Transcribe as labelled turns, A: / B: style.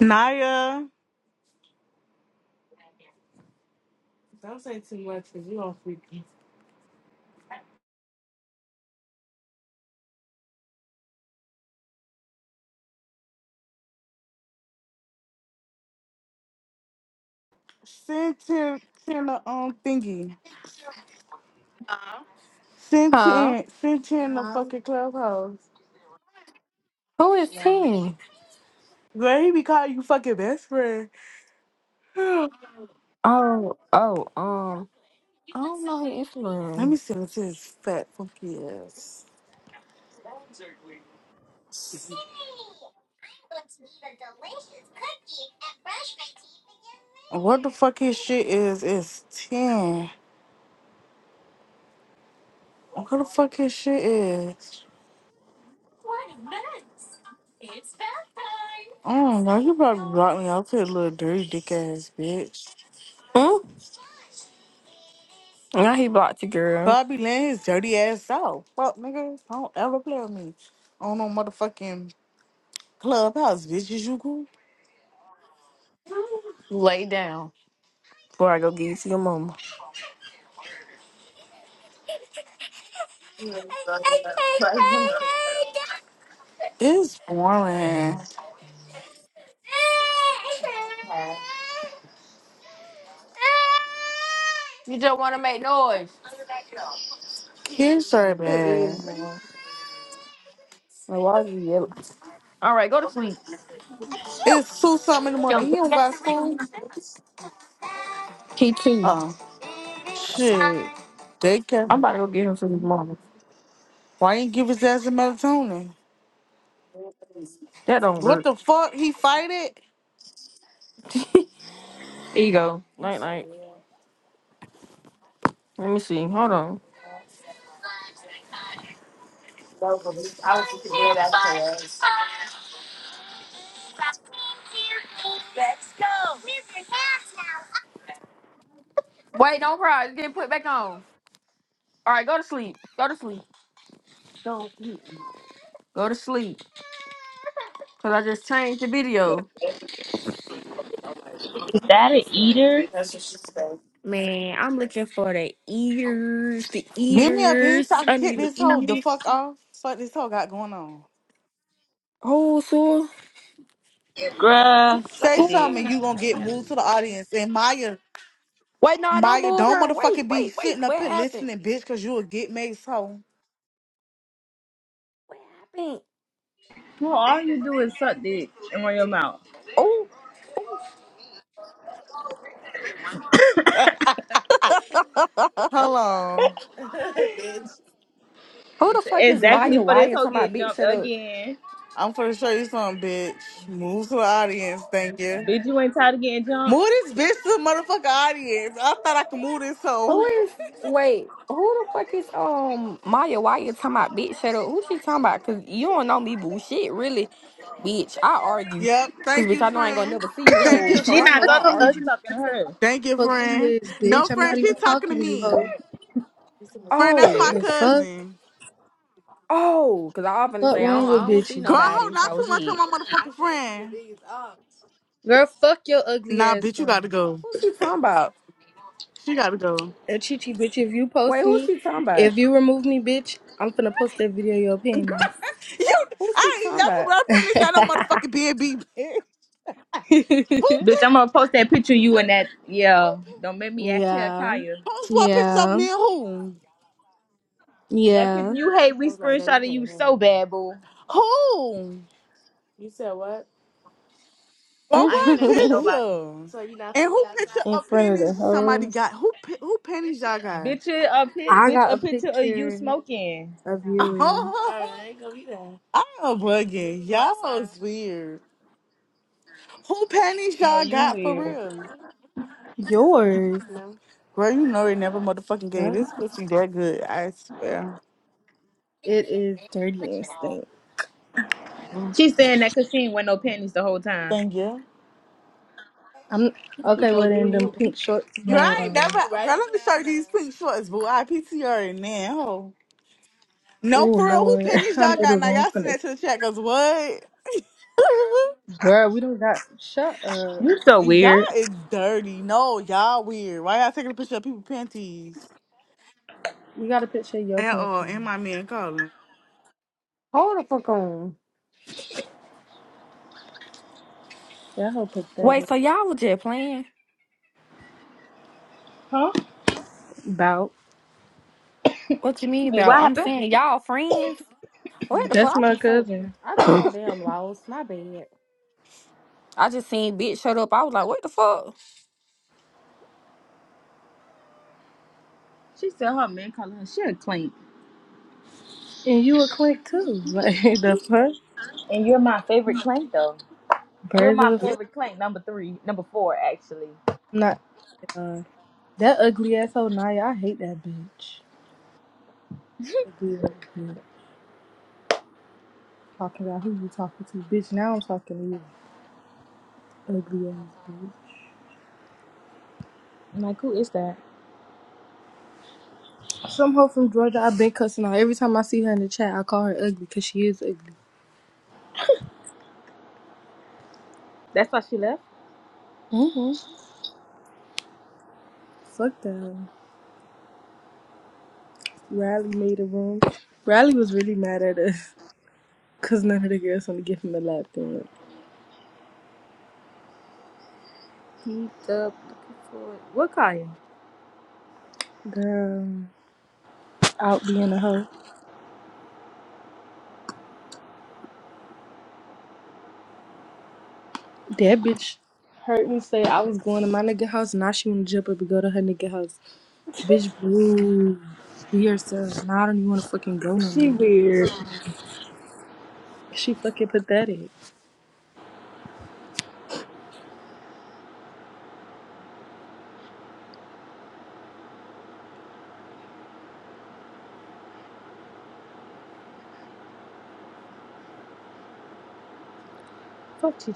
A: Naya, send Tim, Tim the um thingy. Send
B: Huh?
A: Tim, send Tim the fucking clubhouse.
B: Who is T?
A: Where he be calling you fucking best friend. Let
B: Oh, oh, um, I don't know his
A: me
B: Instagram.
A: send it to his fat funky ass. What the fuck his shit is? It's ten. What the fuck his shit is? I don't know. He probably blocked me out to a little dirty dick ass bitch.
B: Hmm? Now he blocked you, girl.
A: Probably laying his dirty ass out. Fuck nigga, don't ever play with me on no motherfucking clubhouse, bitches. You cool?
B: Lay down before I go give you to your mama.
A: It's boring.
B: You just want to make noise.
A: Kids are
B: It is,
A: bad.
B: man. So why is you yelling? All right, go to sleep.
A: It's two something in the morning. He don't got school.
B: He cheating.
A: Oh shit. They
B: I'm
A: can.
B: about to go get him to his mama.
A: Why ain't give his ass a melatonin?
B: That don't
A: What
B: work.
A: the fuck? He fight it?
B: There you go. Night, night. Let me see. Hold on. Wait, don't cry. It's getting put back on. All right, go to sleep. Go to sleep. Don't sleep. Go to sleep. Because I just changed the video.
C: Is that an eater?
B: Man, I'm looking for the ears, the
A: Give me a bean
B: eaters.
A: so I can
B: I
A: kick
B: need the
A: this hoe the
B: eaters,
A: fuck off. Fuck this hoe got going on.
B: Oh, so
C: Bruh, suck
A: Say
C: a dick.
A: something. and
B: oh.
A: You gonna get moved to the audience. And Maya,
B: wait, no, don't
A: Maya,
B: move
A: don't
B: her.
A: motherfucking
B: Wait,
A: be
B: wait,
A: sitting
B: wait.
A: up
B: What
A: here
B: happened?
A: listening, bitch, cause you'll get made so.
B: What happened?
C: Well, all you do is suck dick and run your mouth.
B: Oh, oh,
A: Hello.
B: who the fuck is Maya
C: Exactly for this
B: Wyatt?
C: whole
B: Talking about
C: get
B: bitch,
C: jumped
B: shut up.
C: again.
A: I'm gonna show you something, bitch. Move to the audience. Thank you.
C: Bitch, you ain't tired of getting jumped.
A: Move this bitch to the motherfucking audience. I thought I could move this hoe.
B: Who is? Wait, who the fuck is um Maya Wyatt? Talking about bitch, shut up. Who she talking about? Cause you don't know me, boo. Shit, really, bitch. I argue,
A: Yep.
B: cause
A: Thank
B: bitch,
A: you,
B: I know I ain't gonna
A: friend.
B: never see you,
A: Thank you,
B: hoes. So
C: She
B: I
A: friend.
C: not
B: know
D: Shut
B: I
D: your
C: talking to you, she
B: argue.
D: ugly
C: talking to
D: ass up. I
C: her.
A: Thank
D: don't give
A: you,
D: a Fuck who you
A: friend.
D: is,
A: No,
D: bitch. I'm
A: friend,
D: not
A: she
D: even
A: talking to
D: talking to you, hoe.
A: me. Friend, that's
B: Oh.
A: my
D: The fuck?
A: cousin.
B: Oh, because I often
D: What
B: say I
D: wrong
B: don't, I
D: with
B: don't see
A: Girl,
D: bitches?
A: hold
B: nobody.
A: not
B: So
A: too much
B: shit.
A: on my motherfucking friend.
D: Girl, fuck your ugly
A: Nah,
D: ass
A: bitch, you gotta
D: friend.
A: go.
B: Who she talking about?
A: She gotta go.
D: And Chichi, bitch, if you
B: Wait,
D: post
B: who
D: me,
B: she talking about?
D: if you remove me, bitch, I'm finna post that video of your
A: Girl,
D: panties.
A: you,
B: Who she
A: I ain't
B: talking
A: never
B: about?
A: left her this at no motherfucking B and B. bitch. Who
C: Bitch, I'm
A: picked?
C: gonna post that picture of you and that
A: Who
C: yeah.
A: picked?
C: Don't make me ask Tia
D: Yeah.
C: Kaya.
A: Post what pictures of
D: Yeah.
A: me and who?
C: That picture
D: Yeah.
C: you hate, we screenshotted you so bad, boo.
A: Who? By
D: In
C: I ain't
A: what
C: say with
A: picture?
C: nobody.
A: So you And who picture outside. of
D: front of the
A: panties somebody got?
D: hoes.
A: Who pi- who panties y'all got?
C: Bitch, a pic,
D: I
C: bitch,
D: got
C: a
D: a
C: picture of you
D: picture
C: smoking.
D: of you.
A: Oh, I'm bugging. Go Y'all outside. is weird. Who panties
C: No,
A: y'all
C: you
A: got for
C: weird.
A: real?
D: Yours.
A: Girl, you know they never motherfucking gave this pussy that good. I swear.
D: It is dirty instinct.
A: Mm,
C: She saying that cause she ain't wear no panties the whole time.
A: Thank you.
D: I'm
A: You
D: okay. Well, then them
A: Girl,
D: pink shorts you
A: You I
D: had
A: go ain't
D: on.
A: never. Girl, let me show you these now. pink shorts, boo. I PTR in ho.
D: Oh
A: No, for real. Who
D: Lord,
A: panties
D: I
A: y'all
D: know the
A: got now?
D: room
A: Y'all send
D: finna.
A: that to the chat, cause what?
D: Girl, we don't got shut up.
C: You so
A: Y'all
C: weird.
A: is dirty. No, y'all weird. Why y'all taking a picture of people's panties?
D: We got a picture of your
A: At
D: panties.
A: all. And my man calling.
B: Hold the fuck on.
D: That whole pathetic.
B: Wait, so y'all was just playing?
C: Huh?
D: Bout.
B: What you mean
C: Wait, what
B: about? I'm
C: happened?
B: saying y'all friends. What the
D: That's
B: fuck? I
D: my
B: be so
D: cousin,
B: I be so damn lost. My bad. I just seen bitch shut up. I was like, what the fuck?
C: She said her man calling her. She a clank.
D: and you a clique too. Like the fuck,
C: And you're my favorite clank though. You're
D: birds of a.
C: my
D: F-
C: favorite clank, number three, number four actually.
D: I'm not. Uh, that ugly asshole Naya. I hate that bitch. Ugly ass bitch. Talking about who you talking to, bitch. Now I'm talking to you. Ugly ass bitch.
C: I'm like, who is that?
D: Some hoe from Georgia I've been cussing out. Every time I see her in the chat, I call her ugly because she is ugly.
C: That's why she left.
D: hmm Fuck that hoe. Riley made a room. Riley was really mad at us because none of the girls want to give him a lap dance.
C: Keep up looking for it. What Kaya?
D: Girl, out being a hoe. That bitch heard me say I was going to my nigga house. Now she want to jump up and go to her nigga house. Bitch, boo. Be yourself. Now I don't even want to fucking go no
C: She
D: more.
C: weird.
D: She fucking pathetic.
C: Fuck Chi